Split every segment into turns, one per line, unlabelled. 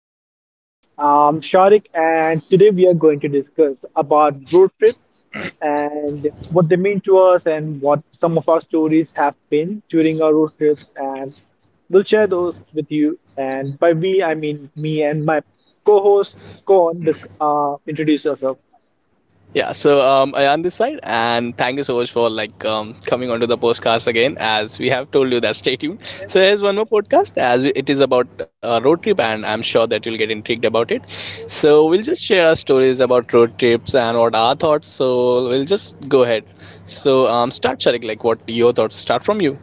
once again, guys. I'm Sharik, and today we are going to discuss about road trips and what they mean to us, and what some of our stories have been during our road trips, and we'll share those with you. And by we, I mean me and my co-host, Kon. Introduce yourself.
Yeah, so I on this side, and thank you so much for coming onto the podcast again. As we have told you that stay tuned. So here's one more podcast, it is about road trip, and I'm sure that you'll get intrigued about it. So we'll just share our stories about road trips and what our thoughts. So we'll just go ahead. So start, Sharik. Like, what your thoughts? Start from you.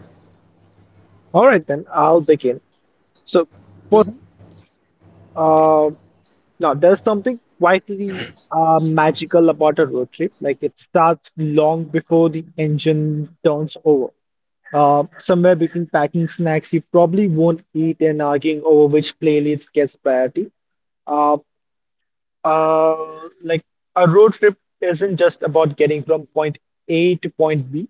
All right, then I'll begin. So.
Mm.
Now, there's something quietly magical about a road trip. Like it starts long before the engine turns over. Somewhere between packing snacks you probably won't eat and arguing over which playlist gets priority. Uh, like a road trip isn't just about getting from point A to point B.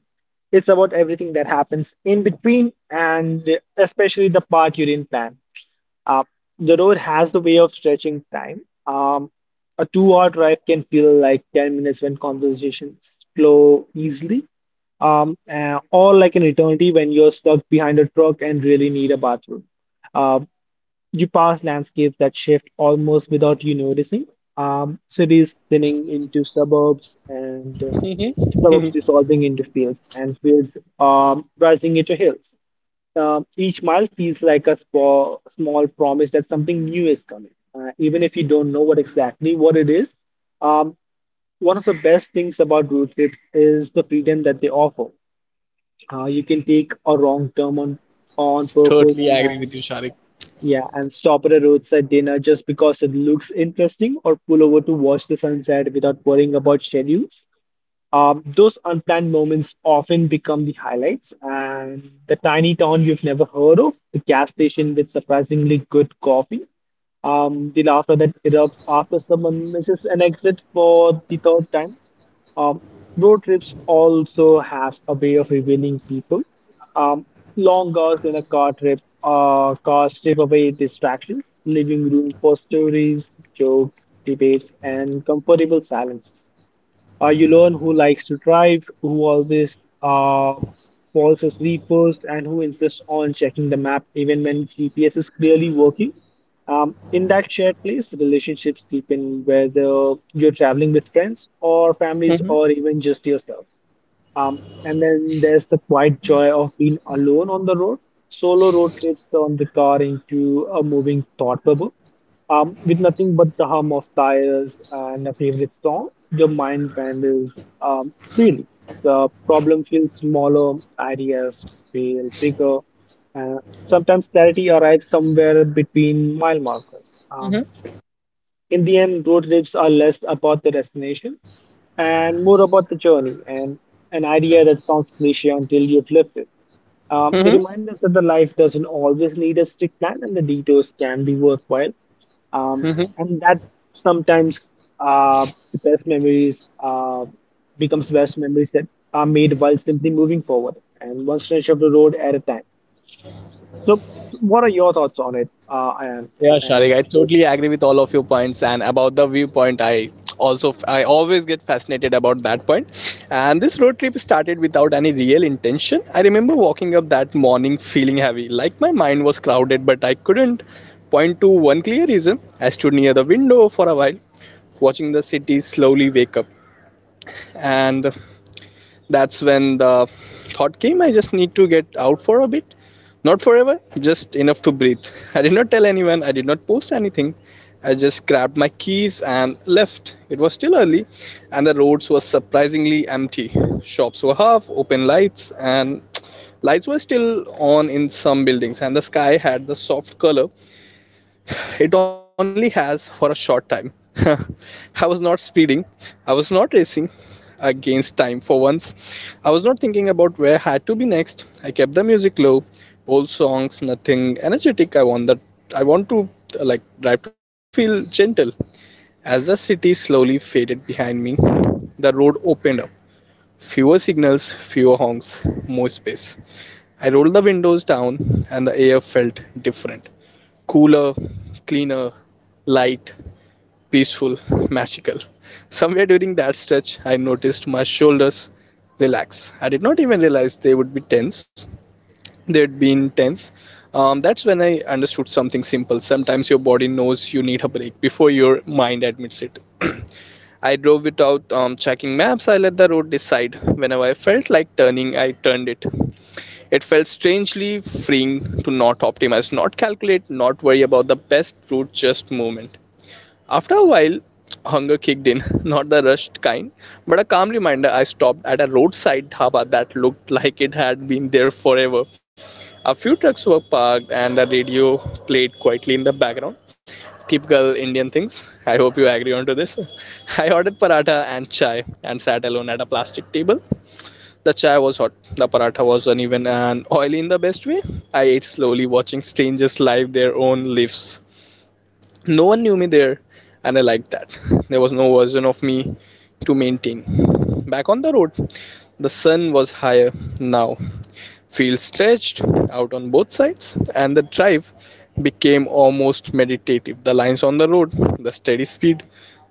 It's about everything that happens in between and especially the part you didn't plan. Uh, the road has the way of stretching time. A two-hour drive can feel like 10 minutes when conversations flow easily, or like an eternity when you're stuck behind a truck and really need a bathroom. Uh, you pass landscapes that shift almost without you noticing. Cities thinning into suburbs and suburbs
Mm-hmm.
dissolving into fields and fields rising into hills. Each mile feels like a small promise that something new is coming, even if you don't know what exactly what it is. Um, One of the best things about road trips is the freedom that they offer. You can take a wrong turn on
Totally
purpose
agree with you,
and
Sharik.
yeah, and stop at a roadside dinner just because it looks interesting, or pull over to watch the sunset without worrying about schedules. Those unplanned moments often become the highlights, and the tiny town you've never heard of, the gas station with surprisingly good coffee, the laughter that erupts after someone misses an exit for the third time. Um, Road trips also have a way of revealing people. Um, Long hours in a cars strip away distractions, leaving room for stories, jokes, debates, and comfortable silences. You learn who likes to drive, who always falls asleep first, and who insists on checking the map even when GPS is clearly working. In that shared place, relationships deepen, whether you're traveling with friends or families
Mm-hmm.
or even just yourself. And then there's the quiet joy of being alone on the road. Solo road trips turn the car into a moving thought bubble. With nothing but the hum of tires and a favorite song, your mind wanders freely. The problem feels smaller, ideas feel bigger, and sometimes clarity arrives somewhere between mile markers.
Mm-hmm.
In the end, road trips are less about the destination and more about the journey and an idea that sounds cliche until you've lived it. They
Mm-hmm.
remind us that the life doesn't always need a strict plan and the detours can be worthwhile. And that sometimes uh, the best memories becomes best memories that are made while simply moving forward and one stretch of the road at a time. So, so what are your thoughts on it, Ayan?
Yeah,
And
Sharik, I totally agree with all of your points and about the viewpoint. I always get fascinated about that point. And this road trip started without any real intention. I remember walking up that morning feeling heavy, like my mind was crowded, but I couldn't point to one clear reason. I stood near the window for a while, watching the city slowly wake up. And that's when the thought came, I just need to get out for a bit. Not forever, just enough to breathe. I did not tell anyone, I did not post anything. I just grabbed my keys and left. It was still early, and the roads were surprisingly empty. Shops were half open, lights were still on in some buildings, and the sky had the soft color it only has for a short time. I was not speeding. I was not racing against time for once. I was not thinking about where I had to be next. I kept the music low, old songs, nothing energetic. I want that. I want to drive to feel gentle. As the city slowly faded behind me, the road opened up. Fewer signals, fewer honks, more space. I rolled the windows down, and the air felt different, cooler, cleaner, light peaceful, magical. Somewhere during that stretch, I noticed my shoulders relax. I did not even realize they would be tense. They'd been tense. That's when I understood something simple. Sometimes your body knows you need a break before your mind admits it. I drove without checking maps. I let the road decide. Whenever I felt like turning, I turned it. It felt strangely freeing to not optimize, not calculate, not worry about the best route, just movement. After a while, hunger kicked in, not the rushed kind, but a calm reminder. I stopped at a roadside dhaba that looked like it had been there forever. A few trucks were parked and a radio played quietly in the background. Typical Indian things. I hope you agree onto this. I ordered paratha and chai and sat alone at a plastic table. The chai was hot. The paratha was uneven and oily in the best way. I ate slowly, watching strangers live their own lives. No one knew me there, and I liked that. There was no version of me to maintain. Back on the road, the sun was higher now. Fields stretched out on both sides, and the drive became almost meditative. The lines on the road, the steady speed,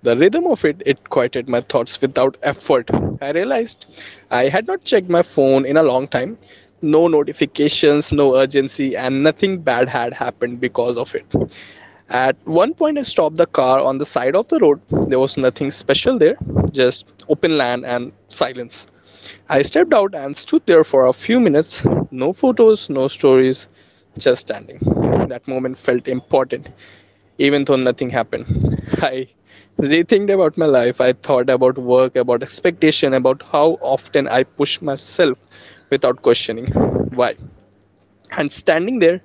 the rhythm of it, it quieted my thoughts without effort. I realized I had not checked my phone in a long time. No notifications, no urgency, and nothing bad had happened because of it. At one point, I stopped the car on the side of the road. There was nothing special there, just open land and silence. I stepped out and stood there for a few minutes. No photos, no stories, just standing. That moment felt important, even though nothing happened. I rethinked about my life. I thought about work, about expectation, about how often I push myself without questioning why. And standing there,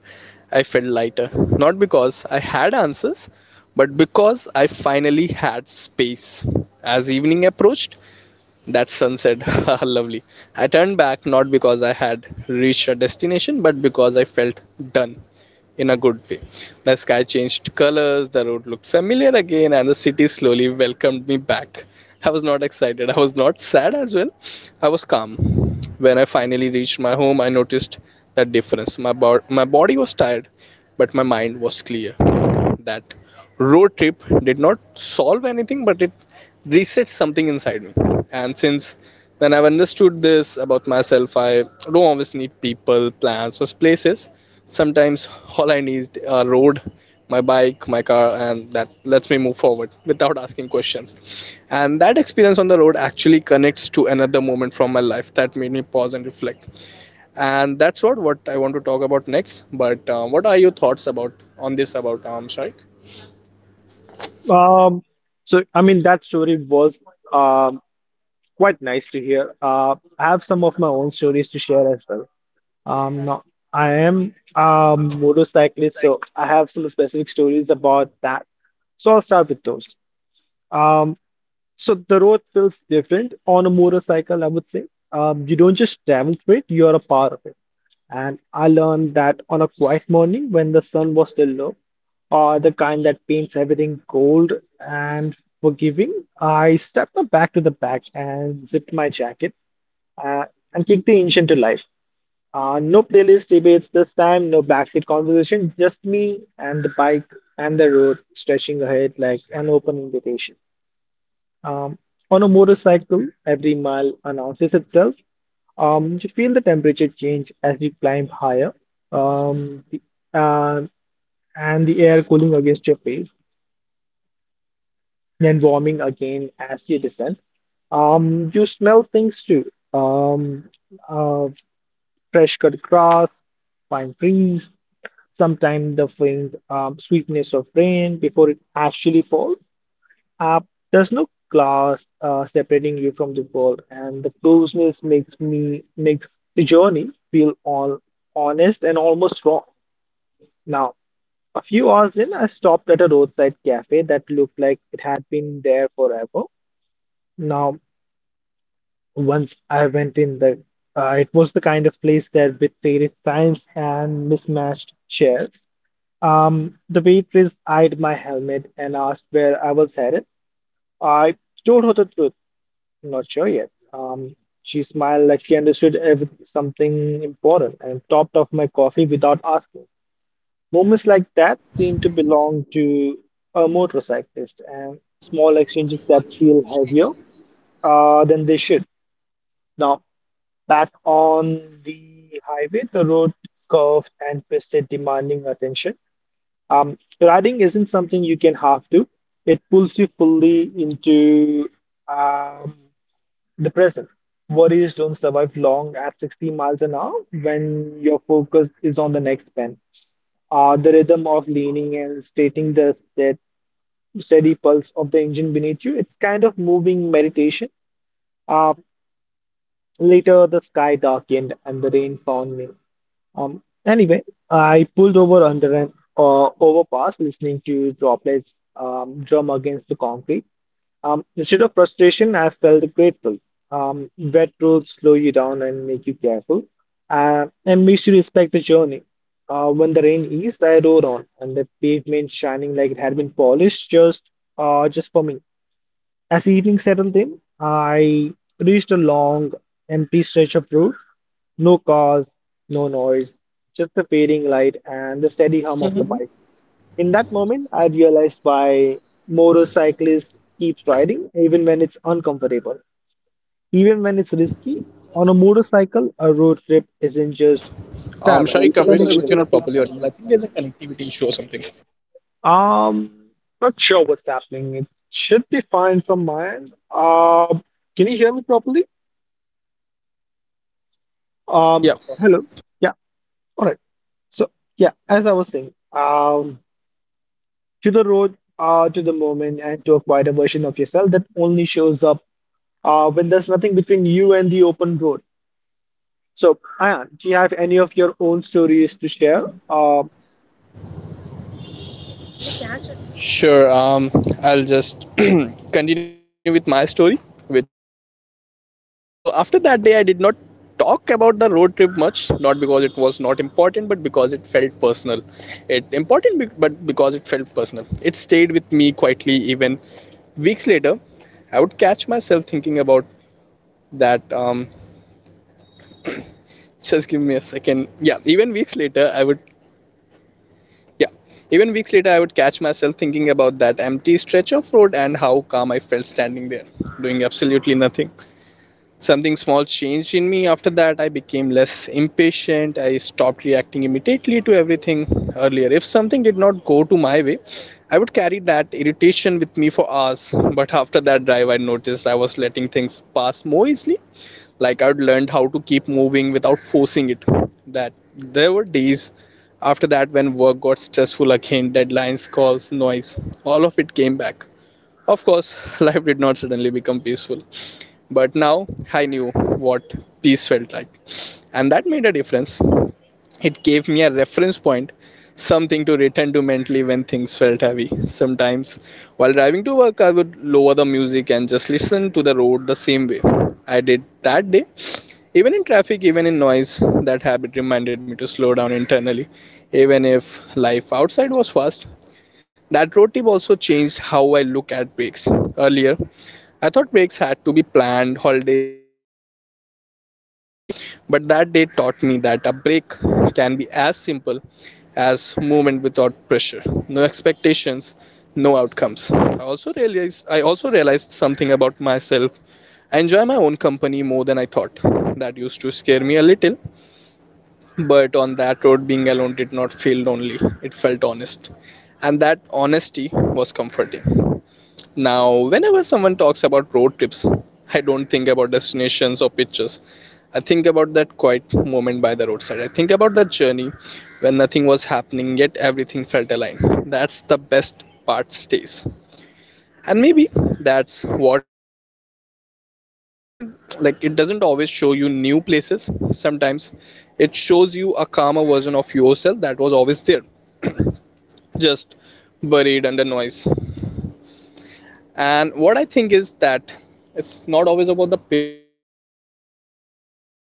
I felt lighter. Not because I had answers, but because I finally had space. As evening approached, that sunset, lovely. I turned back not because I had reached a destination, but because I felt done in a good way. The sky changed colors, the road looked familiar again, and the city slowly welcomed me back. I was not excited, I was not sad as well. I was calm. When I finally reached my home, I noticed that difference. My body was tired, but my mind was clear. That road trip did not solve anything, but it resets something inside me. And since then, I've understood this about myself. I don't always need people, plans, or places. Sometimes all I need is a road, my bike, my car, and that lets me move forward without asking questions. And that experience on the road actually connects to another moment from my life that made me pause and reflect. And that's what I want to talk about next. But what are your thoughts about on this about Sharik?
Um, I mean that story was um quite nice to hear. I have some of my own stories to share as well. No, I am a motorcyclist, so I have some specific stories about that. So I'll start with those. Um, so the road feels different on a motorcycle, I would say. You don't just travel through it; you are a part of it. And I learned that on a quiet morning when the sun was still low, or the kind that paints everything gold and forgiving, I stepped up back to the back and zipped my jacket uh, and kicked the engine to life. No playlist debates this time, no backseat conversation, just me and the bike and the road stretching ahead like an open invitation. Um, on a motorcycle, every mile announces itself, you feel the temperature change as you climb higher, um, the, uh, and the air cooling against your face, then warming again as you descend. You smell things too. Um, uh, Fresh cut grass, pine trees, sometimes the faint sweetness of rain before it actually falls. Uh, there's no glass separating you from the world, and the closeness makes the journey feel all honest and almost raw. Now, a few hours in, I stopped at a roadside cafe that looked like it had been there forever. Now, once I went in the, it was the kind of place that with faded signs and mismatched chairs. The waitress eyed my helmet and asked where I was headed. I told her the truth. Not sure yet. She smiled like she understood something important and topped off my coffee without asking. Moments like that seem to belong to a motorcyclist and small exchanges that feel heavier than they should. Now, back on the highway, the road curved and twisted, demanding attention. Riding isn't something you can half do. It pulls you fully into um, Depressive. Worries don't survive long at 60 miles an hour when your focus is on the next pen. The rhythm of leaning and steady pulse of the engine beneath you, it's kind of moving meditation. Uh, Later, the sky darkened and the rain found me. Anyway, I pulled over under an overpass, listening to droplets drum against the concrete. Instead of frustration, I felt grateful. Wet roads slow you down and make you careful, and makes you respect the journey. When the rain eased, I rode on, and the pavement shining like it had been polished just for me. As the evening settled in, I reached a long, empty stretch of road. No cars, no noise, just the fading light and the steady hum of the Mhm. bike. In that moment, I realized why motorcyclist keeps riding even when it's uncomfortable, even when it's risky. On a motorcycle, a road trip isn't just
Sharik, I'm very sorry,
travel,
but
it's
you're not properly
connection.
audible. I think there's a connectivity issue or something.
Um, Not sure what's happening. It should be fine from my end. Can you hear me properly?
Yeah,
Hello. Yeah, all right. So, yeah, as I was saying, to the road, to the moment, and to a quieter version of yourself that only shows up when there's nothing between you and the open road. So, Ayan, do you have any of your own stories to share?
sure. I'll just continue with my story, which I was talking before. So after that day, I did not talk about the road trip much, not because it was not important, but because it felt personal. But because it felt personal. It stayed with me quietly. Even weeks later, I would catch myself thinking about that. Just give me a second. Yeah, even weeks later, I would catch myself thinking about that empty stretch of road and how calm I felt standing there, doing absolutely nothing. Something small changed in me after that. I became less impatient. I stopped reacting immediately to everything earlier. If something did not go to my way, I would carry that irritation with me for hours. But after that drive, I noticed I was letting things pass more easily, like I'd learned how to keep moving without forcing it. That there were days after that when work got stressful again, deadlines, calls, noise, all of it came back, of course. Life did not suddenly become peaceful, but now I knew what peace felt like, and that made a difference. It gave me a reference point, something to return to mentally when things felt heavy. Sometimes, while driving to work, I would lower the music and just listen to the road the same way I did that day. Even in traffic, even in noise, that habit reminded me to slow down internally, even if life outside was fast. That road trip also changed how I look at breaks. Earlier, I thought breaks had to be planned, holidays, leaves, perfect timing, but that day taught me that a break can be as simple as movement without pressure, no expectations, no outcomes. I also realized something about myself. I enjoy my own company more than I thought. That used to scare me a little, but on that road being alone did not feel lonely. It felt honest, and that honesty was comforting. Now, whenever someone talks about road trips, I don't think about destinations or pictures. I think about that quiet moment by the roadside. I think about that journey when nothing was happening yet everything felt aligned. That's the best part stays. And maybe that's what travel really does. It doesn't always show you new places. Sometimes it shows you a calmer version of yourself that was always there, just buried under noise. And what I think is that it's not always about the pictures or the destinations.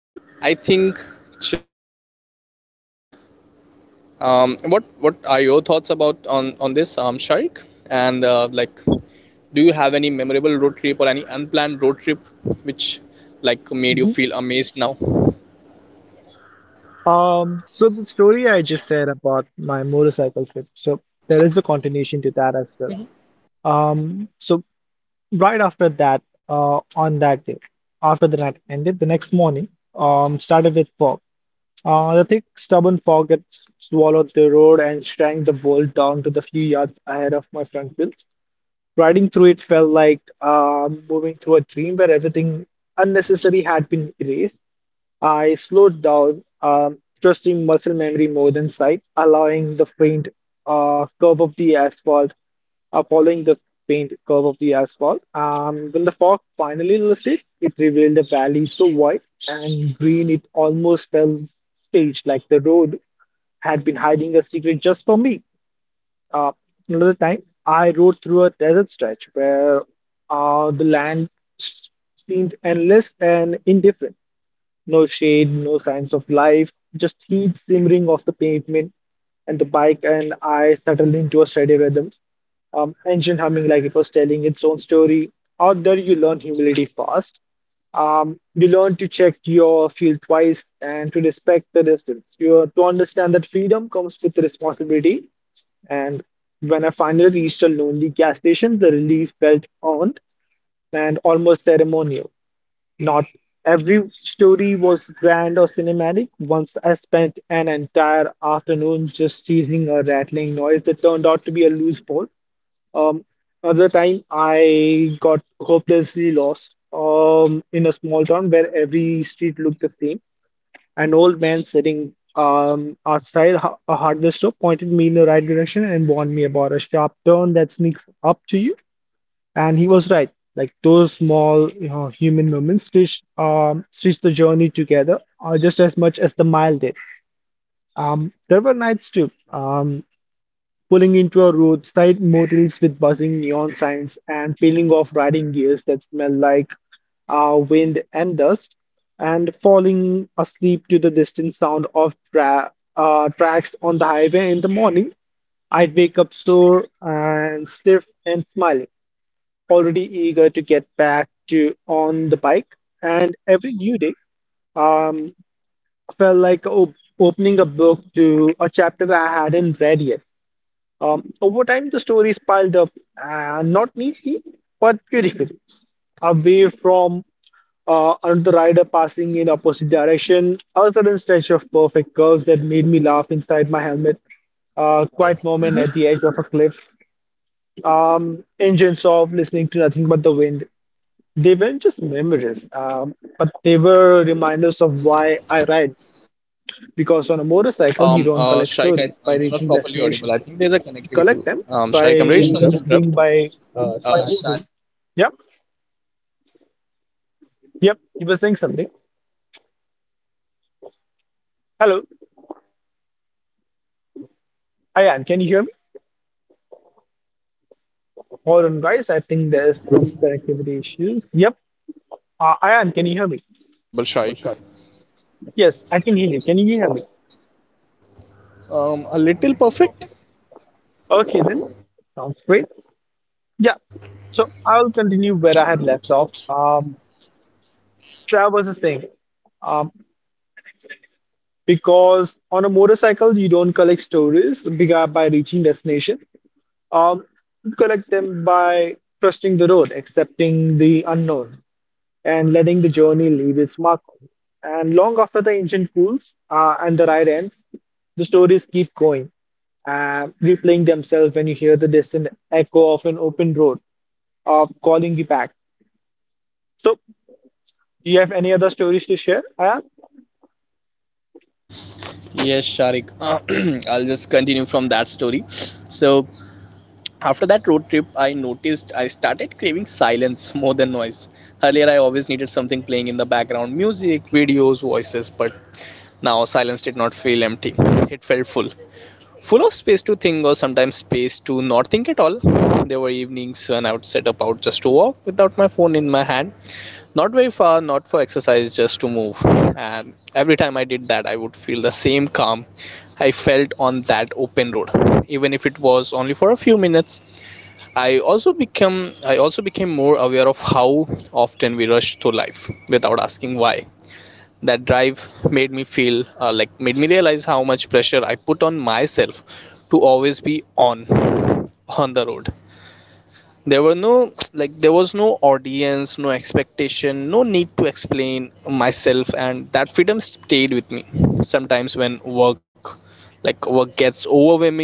I think journey matters more. What are your thoughts about on this, Sharik? And like, do you have any memorable road trip or any unplanned road trip which like made
Mhm.
you feel amazed now?
So the story I just said about my motorcycle trip, so there is a continuation to that as well. So right after that, on that day, after the night ended, the next morning, started with fog. The thick, stubborn fog had swallowed the road and shrank the world down to the few yards ahead of my front wheels. Riding through it felt like moving through a dream where everything unnecessary had been erased. I slowed down, trusting muscle memory more than sight, allowing the faint curve of the asphalt, following the faint curve of the asphalt. When the fog finally lifted, it revealed a valley so wide and green it almost felt staged, like the road had been hiding a secret just for me. Uh, Another time, I rode through a desert stretch where the land seemed endless and indifferent. No shade, no signs of life, just heat simmering off the pavement, and the bike and I settled into a steady rhythm. Engine humming like it was telling its own story. Out there, you learn humility fast. You learn to check your fuel twice and to respect the distance. You have to understand that freedom comes with responsibility. And when I finally reached a lonely gas station, the relief felt earned and almost ceremonial. Not every story was grand or cinematic. Once I spent an entire afternoon just chasing a rattling noise that turned out to be a loose bolt. Um, Other time, I got hopelessly lost in a small town where every street looked the same. An old man sitting outside a hardware store pointed me in the right direction and warned me about a sharp turn that sneaks up to you. And he was right. Like those small, you know, human moments stitch the journey together just as much as the mile did. There were nights too. Pulling into a roadside motels with buzzing neon signs and peeling off riding gears that smell like wind and dust, and falling asleep to the distant sound of tracks on the highway in the morning. I'd wake up sore and stiff and smiling already eager to get back to on the bike, and every new day um, felt like op opening a book to a chapter I hadn't read yet. Over time, the stories piled up, not neatly, but beautifully. Away from another rider passing in opposite direction, a sudden stretch of perfect curves that made me laugh inside my helmet quiet moment at the edge of a cliff. Engine soft, listening to nothing but the wind. They weren't just memories, but they were reminders of why I ride. Because on a motorcycle, you don't
Sharik,
collect
you're
stories
not
by
properly
reaching
audible. I think
destination.
there's a
You
connectivity.
collect them
Sharik, I'm really
by
sorry to interrupt.
moving, by by
Sharik,
moving.
am I audible?
Yep,
Hello.
yep.
I'm
You
very
were
sorry
saying
to interrupt,
something.
but I think there's a connectivity issue. You're not properly audible.
Hello,
Your voice is breaking a little.
Ayan, can you hear me?
Hello, am I audible to you?
Hold on, guys. I think there's some connectivity issues. Yep. Ayan,
You're
can you
still
hear me?
not properly audible, Sharik.
Yes, I can hear you. Can you hear me?
A little perfect?
Okay, then. Sounds great. Yeah. So I'll continue where I had left off. Travels is thing. Um, because on a motorcycle, you don't collect stories by reaching destination. Um, you collect them by trusting the road, accepting the unknown, and letting the journey leave its mark. And long after the engine cools and the ride ends, the stories keep going replaying themselves when you hear the distant echo of an open road calling you back. So, do you have any other stories to share, Ayan?
Yes, Sharik. I'll just continue from that story. So, after that road trip, I noticed I started craving silence more than noise. Earlier, I always needed something playing in the background, music, videos, voices, but now silence did not feel empty, it felt full. Full of space to think, or sometimes space to not think at all. There were evenings when I would set up out just to walk without my phone in my hand. Not very far, not for exercise, just to move. And every time I did that, I would feel the same calm I felt on that open road. Even if it was only for a few minutes, I also became more aware of how often we rush through life without asking why. That drive made me feel made me realize how much pressure I put on myself to always be on the road. There were there was no audience, no expectation, no need to explain myself, and that freedom stayed with me. Sometimes when work gets overwhelming,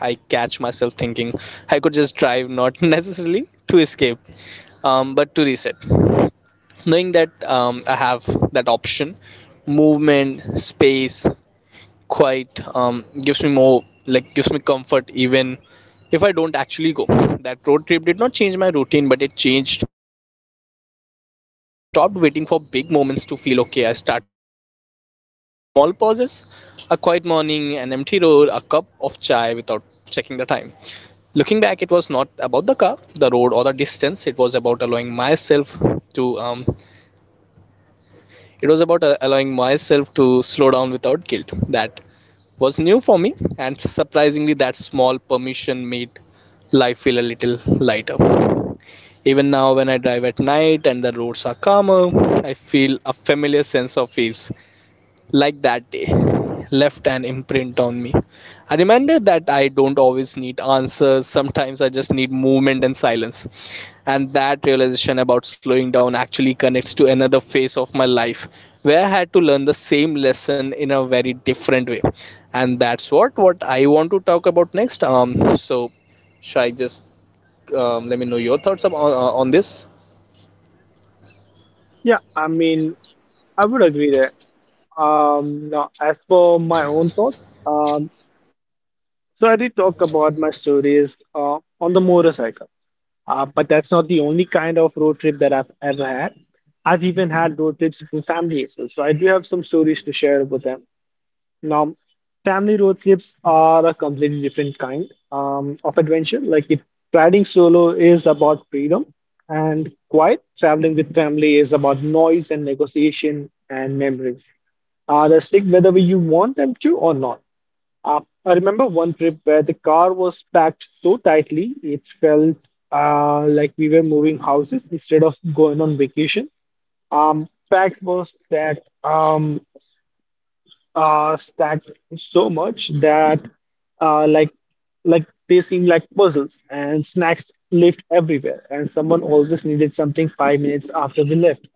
I catch myself thinking I could just drive, not necessarily to escape, but to reset. Knowing that I have that option, movement, space, quiet, gives me comfort even if I don't actually go. That road trip did not change my routine, but it changed my perspective. I stopped waiting for big moments to feel okay. I started appreciating small pauses, a quiet morning, an empty road, a cup of chai without checking the time. Looking back, it was not about the car, the road, or the distance. It was about allowing myself to it was about allowing myself to slow down without guilt. That was new for me, and surprisingly, that small permission made life feel a little lighter. Even now, when I drive at night and the roads are calmer, I feel a familiar sense of ease, like that day left an imprint on me. A reminder that I don't always need answers, sometimes I just need movement and silence. And that realization about slowing down actually connects to another phase of my life where I had to learn the same lesson in a very different way. And that's what I want to talk about next. So should I just let me know your thoughts on this?
Yeah, I mean, I would agree there. Now, as for my own thoughts, um,
Mm-hmm.
so I did talk about my stories on the motorcycle, but that's not the only kind of road trip that I've ever had. I've even had road trips with family as well, so I do have some stories to share with them. Now, family road trips are a completely different kind of adventure. Like if riding solo is about freedom and quiet, traveling with family is about noise and negotiation and memories. They stick whether you want them to or not. I remember one trip where the car was packed so tightly, it felt like we were moving houses instead of going on vacation. Packs was that. Stacked so much that uh, like they seem like puzzles and snacks left everywhere and someone always needed something 5 minutes after we left.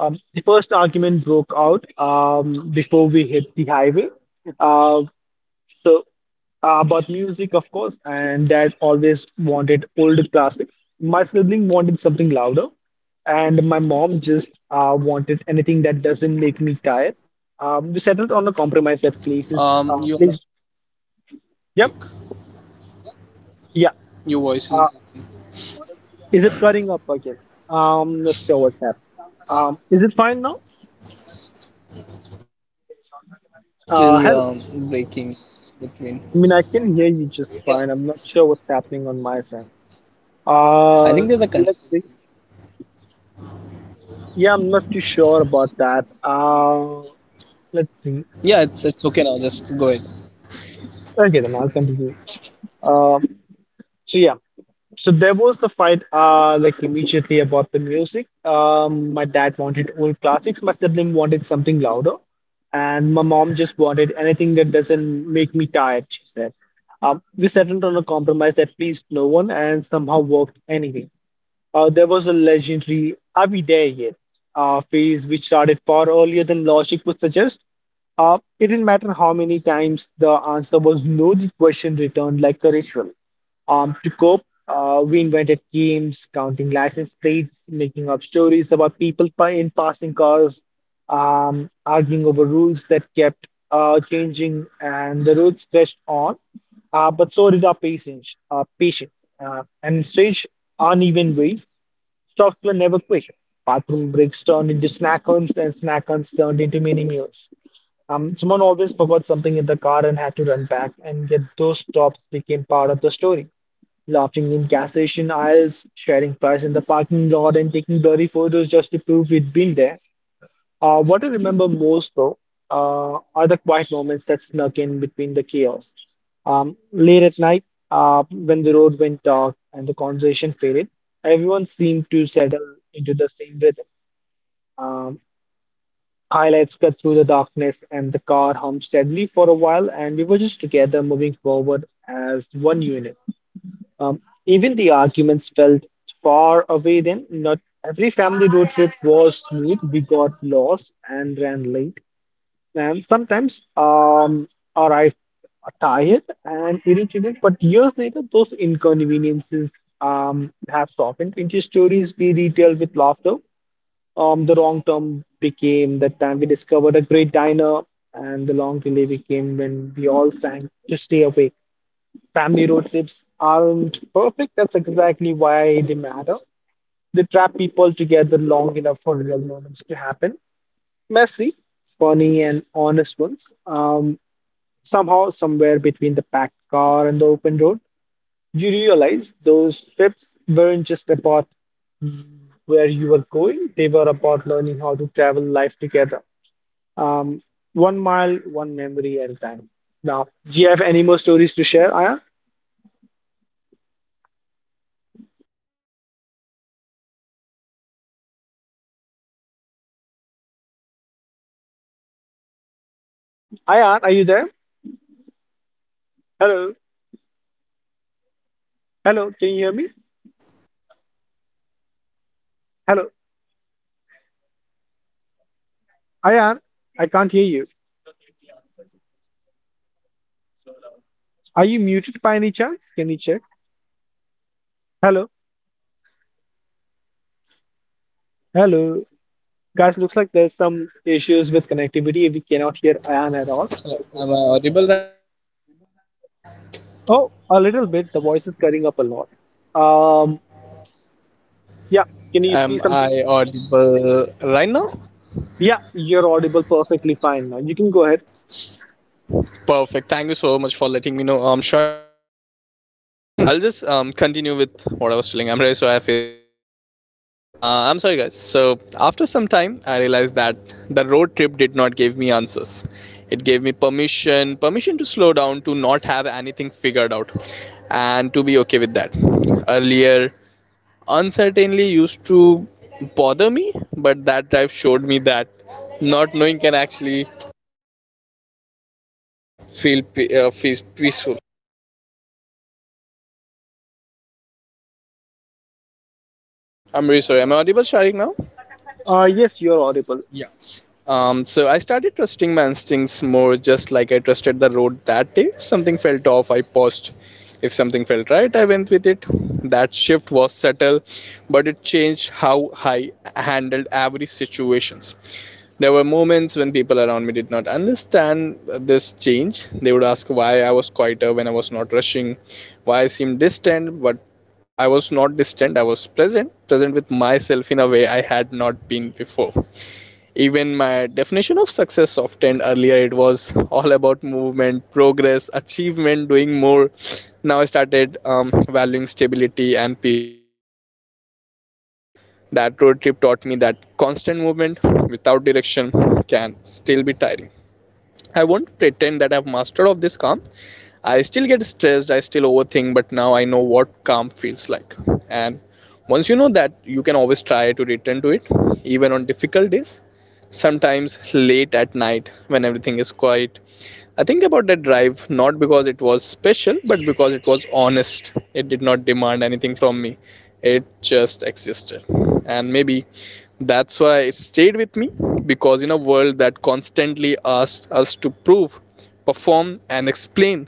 The first argument broke out before we hit the highway. Uh, so about music, of course, and dad always wanted older classics. My sibling wanted something louder, and my mom just wanted anything that doesn't make me tired. We settled on a compromise that places,
You are not
please,
properly audible,
yep,
Sharik.
yeah.
Your voice
Uh,
is,
is it cutting up again? Not sure what's happening. Is it fine now?
Yeah, but still,
Hello.
breaking between.
I mean, I can hear you just
Yeah,
fine. I'm
it's,
not sure what's happening on my side.
I think
Uh,
there's a con.
let's see. Yeah, I'm not too sure about that. Let's see.
Yeah, it's okay now. Just go ahead.
Okay, then I'll continue. Um, so yeah, so there was the fight. Like immediately about the music. My dad wanted old classics. My sibling wanted something louder, and my mom just wanted anything that doesn't make me tired. She said. We settled on a compromise that pleased no one and somehow worked anyway. There was a legendary Are We There Yet? Phase which started far earlier than logic would suggest. It didn't matter how many times the answer was no, the question returned like a ritual. To cope, we invented games, counting license plates, making up stories about in passing cars arguing over rules that kept changing, and the road stretched on, but so did our patience, and in strange, uneven ways, stocks were never quick. Bathroom breaks turned into snack homes, and snack homes turned into mini meals. Someone always forgot something in the car and had to run back, and yet those stops became part of the story. Laughing in gas station aisles, sharing fries in the parking lot, and taking blurry photos just to prove we'd been there. What I remember most, though, are the quiet moments that snuck in between the chaos. Late at night, when the road went dark and the conversation faded, everyone seemed to settle into the same rhythm. Um, Highlights cut through the darkness, and the car hummed steadily for a while, and we were just together moving forward as one unit. Um, Even the arguments felt far away then. Not every family road trip was smooth. We got lost and ran late and sometimes arrive tired and irritated, but years later, those inconveniences have softened into stories we retell with laughter. The wrong term became that time we discovered a great diner, and the long delay became when we all sang to stay awake. Family road trips aren't perfect. That's exactly why they matter. They trap people together long enough for real moments to happen. Messy, funny, and honest ones. Somehow, somewhere between the packed car and the open road, you realize those trips weren't just about where you were going, they were about learning how to travel life together. Um, One mile, one memory at a time. Now, do you have any more stories to share, Ayan?
Shy, you're not properly audible.
Ayan, are you there? Hello, hello, can you hear me?
Yeah, perfect.
Hello,
Okay. So I'll go ahead from my end. So after some
Ayan,
time, I
I
realized
can't
that
hear
that
you.
road trip did not give me answers. It gave me permission, permission to slow
Are
down.
you
To
muted by any chance? Can you check? Hello,
Are you able to hear me? Hello.
hello. Guys, looks like there's some issues with connectivity. We cannot hear Ayan at all.
Hello, am I audible right now?
Oh, a little bit. The voice is cutting up a lot. Um, yeah, can you speak
Am
something?
I audible right now?
Yeah, you're audible perfectly fine now. You can go ahead.
Perfect. Thank you so much for letting me know, Sharik. So I'll just continue with what I was telling Amre. So I faced some technical issues. I'm sorry, guys. So after some time, I realized that the road trip did not give me answers. It gave me permission, permission to slow down, to not have anything figured out, and to be okay with that. Earlier, uncertainty used to bother me, but that drive showed me that not knowing can actually feels peaceful. I'm really sorry. Am I audible, Sharik, now?
Yes, you're audible.
Yeah. So I started trusting my instincts more, just like I trusted the road that day. If something felt off, I paused. If something felt right, I went with it. That shift was subtle, but it changed how I handled every situation. There were moments when people around me did not understand this change. They would ask why I was quieter, when I was not rushing, why I seemed distant, but I was not distant, I was present, present with myself in a way I had not been before. Even my definition of success softened. Earlier, it was all about movement, progress, achievement, doing more. Now I started valuing stability and peace just as much. That road trip taught me that constant movement without direction can still be tiring. I won't pretend that I've mastered of this calm. I still get stressed, I still overthink, but now I know what calm feels like. And once you know that, you can always try to return to it, even on difficult days. Sometimes late at night when everything is quiet. I think about that drive, not because it was special, but because it was honest. It did not demand anything from me, it just existed. And maybe that's why it stayed with me, because in a world that constantly asked us to prove, perform, and explain,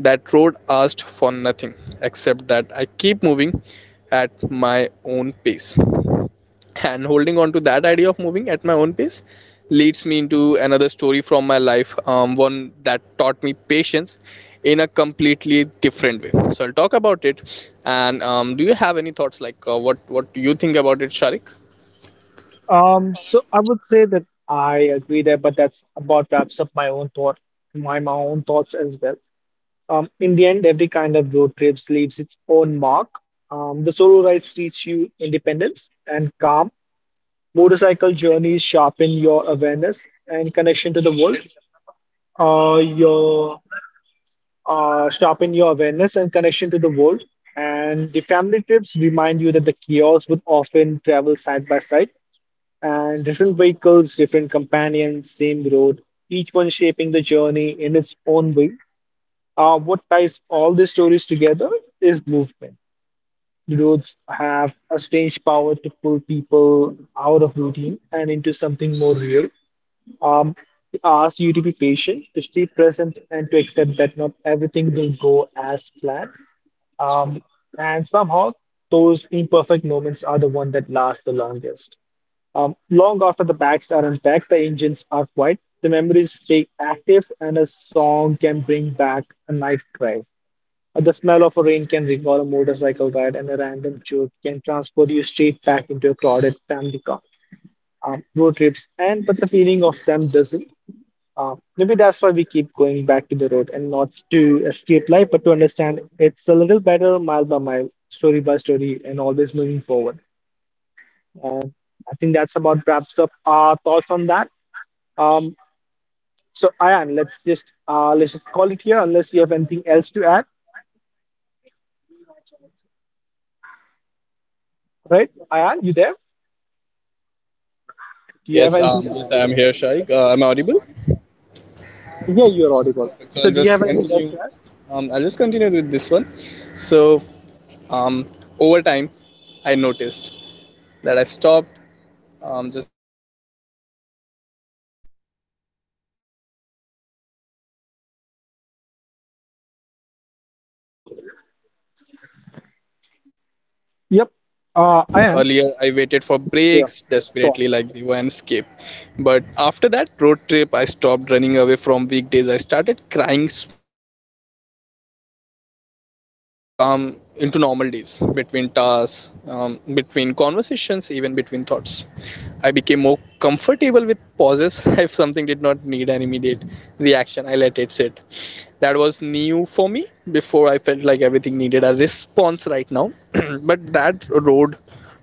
that road asked for nothing except that I keep moving at my own pace. And holding on to that idea of moving at my own pace leads me into another story from my life, one that taught me patience in a completely different way. So I'll talk about it. And do you have any thoughts, like what do you think about it, Sharik?
So I would say that I agree there, but that's about wraps up my own thought, my own thoughts as well. In the end, every kind of road trips leaves its own mark. The solo rides teach you independence and calm. Motorcycle journeys sharpen your awareness and connection to the world. Your Sharpen your awareness and connection to the world. And the family trips remind you that the chaos would often travel side by side, and different vehicles, different companions, same road, each one shaping the journey in its own way. What ties all these stories together is movement. Roads have a strange power to pull people out of routine and into something more real. Um, it asks you to be patient, to stay present, and to accept that not everything will go as planned. Um, and somehow, those imperfect moments are the one that last the longest. Long after the bags are unpacked, the engines are quiet, the memories stay active, and a song can bring back a night drive. The smell of a rain can recall a motorcycle ride, and a random joke can transport you straight back into a crowded family car. Road trips, and but the feeling of them doesn't. Maybe that's why we keep going back to the road and not to escape life, but to understand it's a little better mile by mile, story by story, and always moving forward. And I think that's about wraps up our thoughts on that. Um, so Ayan, let's just call it here unless you have anything else to add, right? Ayan, you there? Do you have
Yes,
anything?
yes, I am here, Shaikh. I'm audible.
Yeah, you're audible.
Perfect. So
So
I'll
do you
just
have anything else
continue.
to add?
I'll just continue with this one. So um, over time, I noticed that I stopped. Just give me a second. So over time, I noticed that I stopped chasing weekends
Yep.
the way I used to.
Ayan.
Earlier, I waited for
Yeah.
breaks desperately, like they were an escape. But after that road trip, I stopped running away from weekdays. I started crying small pieces of that calm into normal days, between tasks, between conversations, even between thoughts. I became more comfortable with pauses. If something did not need an immediate reaction, I let it sit. That was new for me. Before, I felt like everything needed a response right now. But that road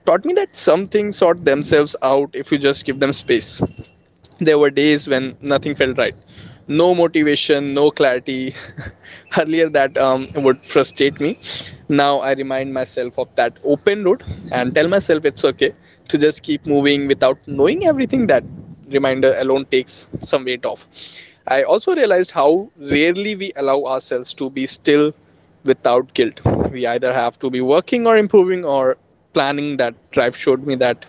taught me that some things sort themselves out if you just give them space. There were days when nothing felt right. No motivation, no clarity. Earlier, that would frustrate me. Now, I remind myself of that open road and tell myself it's okay to just keep moving without knowing everything. That reminder alone takes some weight off. I also realized how rarely we allow ourselves to be still without guilt. We either have to be working or improving or planning. That drive showed me that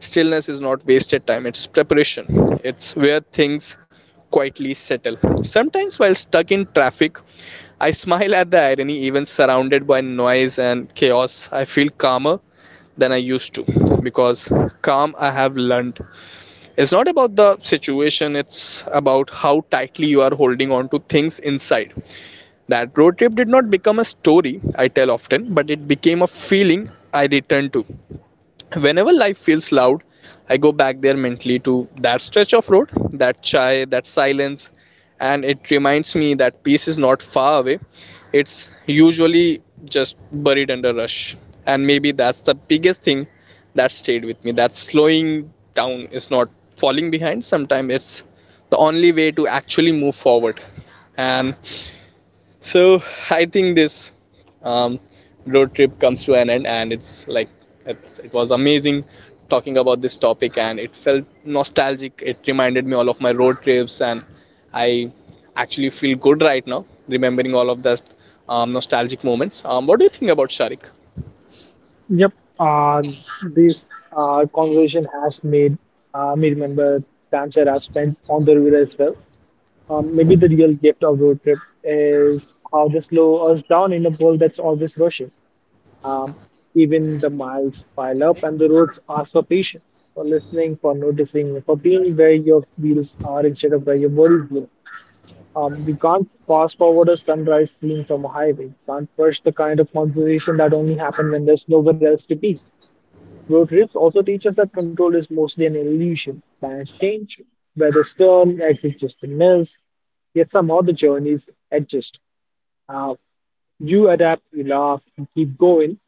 stillness is not wasted time, it's preparation. It's where things quietly settle. Sometimes, while stuck in traffic, I smile at the irony. Even surrounded by noise and chaos, I feel calmer than I used to, because calm, I have learned, it's not about the situation, it's about how tightly you are holding on to things inside. That road trip did not become a story I tell often, but it became a feeling I return to whenever life feels loud. I go back there mentally, to that stretch of road, that chai, that silence, and it reminds me that peace is not far away, it's usually just buried under rush. And maybe that's the biggest thing that stayed with me, that slowing down is not falling behind, sometimes it's the only way to actually move forward. And so I think this um, road trip comes to an end, and it was amazing talking about this topic, and it felt nostalgic. It reminded me all of my road trips, and I actually feel good right now remembering all of that nostalgic moments. What do you think about Sharik?
Yep. Uh, this conversation has made me remember times that I've spent on the river as well. Maybe the real gift of road trip is how they slow us down in a world that's always rushing. Um, Even the miles pile up and the roads ask for patience, for listening, for noticing, for being where your wheels are instead of where your worries were. We can't fast forward a sunrise scene from a highway. We can't rush the kind of conversation that only happen when there's nowhere else to be. Road trips also teach us that control is mostly an illusion. Plans change, weather turn, exit just a miss, yet somehow the journeys adjust. Uh, you adapt, you laugh, you keep going.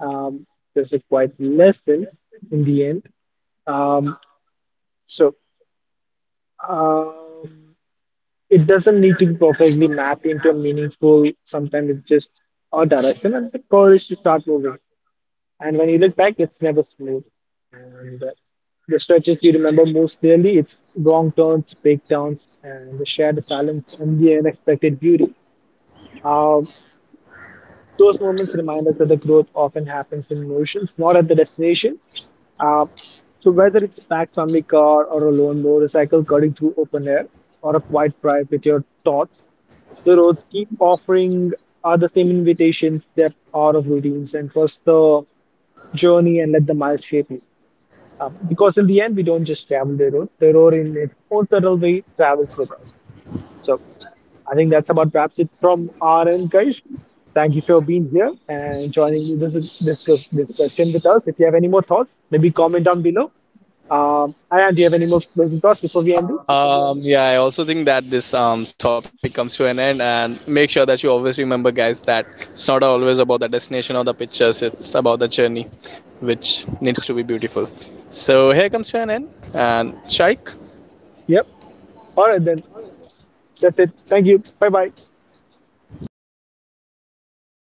Um, there's a quite lesson in the end. Um, so um, it doesn't need to be perfectly mapped into a meaningful, sometimes it's just a direction and the courage to start moving. And when you look back, it's never smooth. And The stretches you remember most clearly, it's wrong turns, breakdowns, and the shared silence and the unexpected beauty. Uh, those moments remind us that the growth often happens in motions, not at the destination. Uh, so whether it's a packed family car or a lone motorcycle cutting through open air or a quiet drive with your thoughts, the roads keep offering are the same invitations that are of routines and trust the journey and let the miles shape you. Because in the end, we don't just travel the road in its own subtle way travels with us. So I think that's about wraps it from our end, guys. Thank you for being here and joining this discussion with us. If you have any more thoughts, maybe comment down below. Ayan, do you have any more closing thoughts before we end this?
Yeah, I also think that this topic comes to an end, and make sure that you always remember, guys, that it's not always about the destination or the pictures, it's about the journey, which needs to be beautiful. So, here comes to an end, and Shaik,
Yep. All right then. That's it. Thank you. Bye bye.
yep, stay tuned, guys. Bye.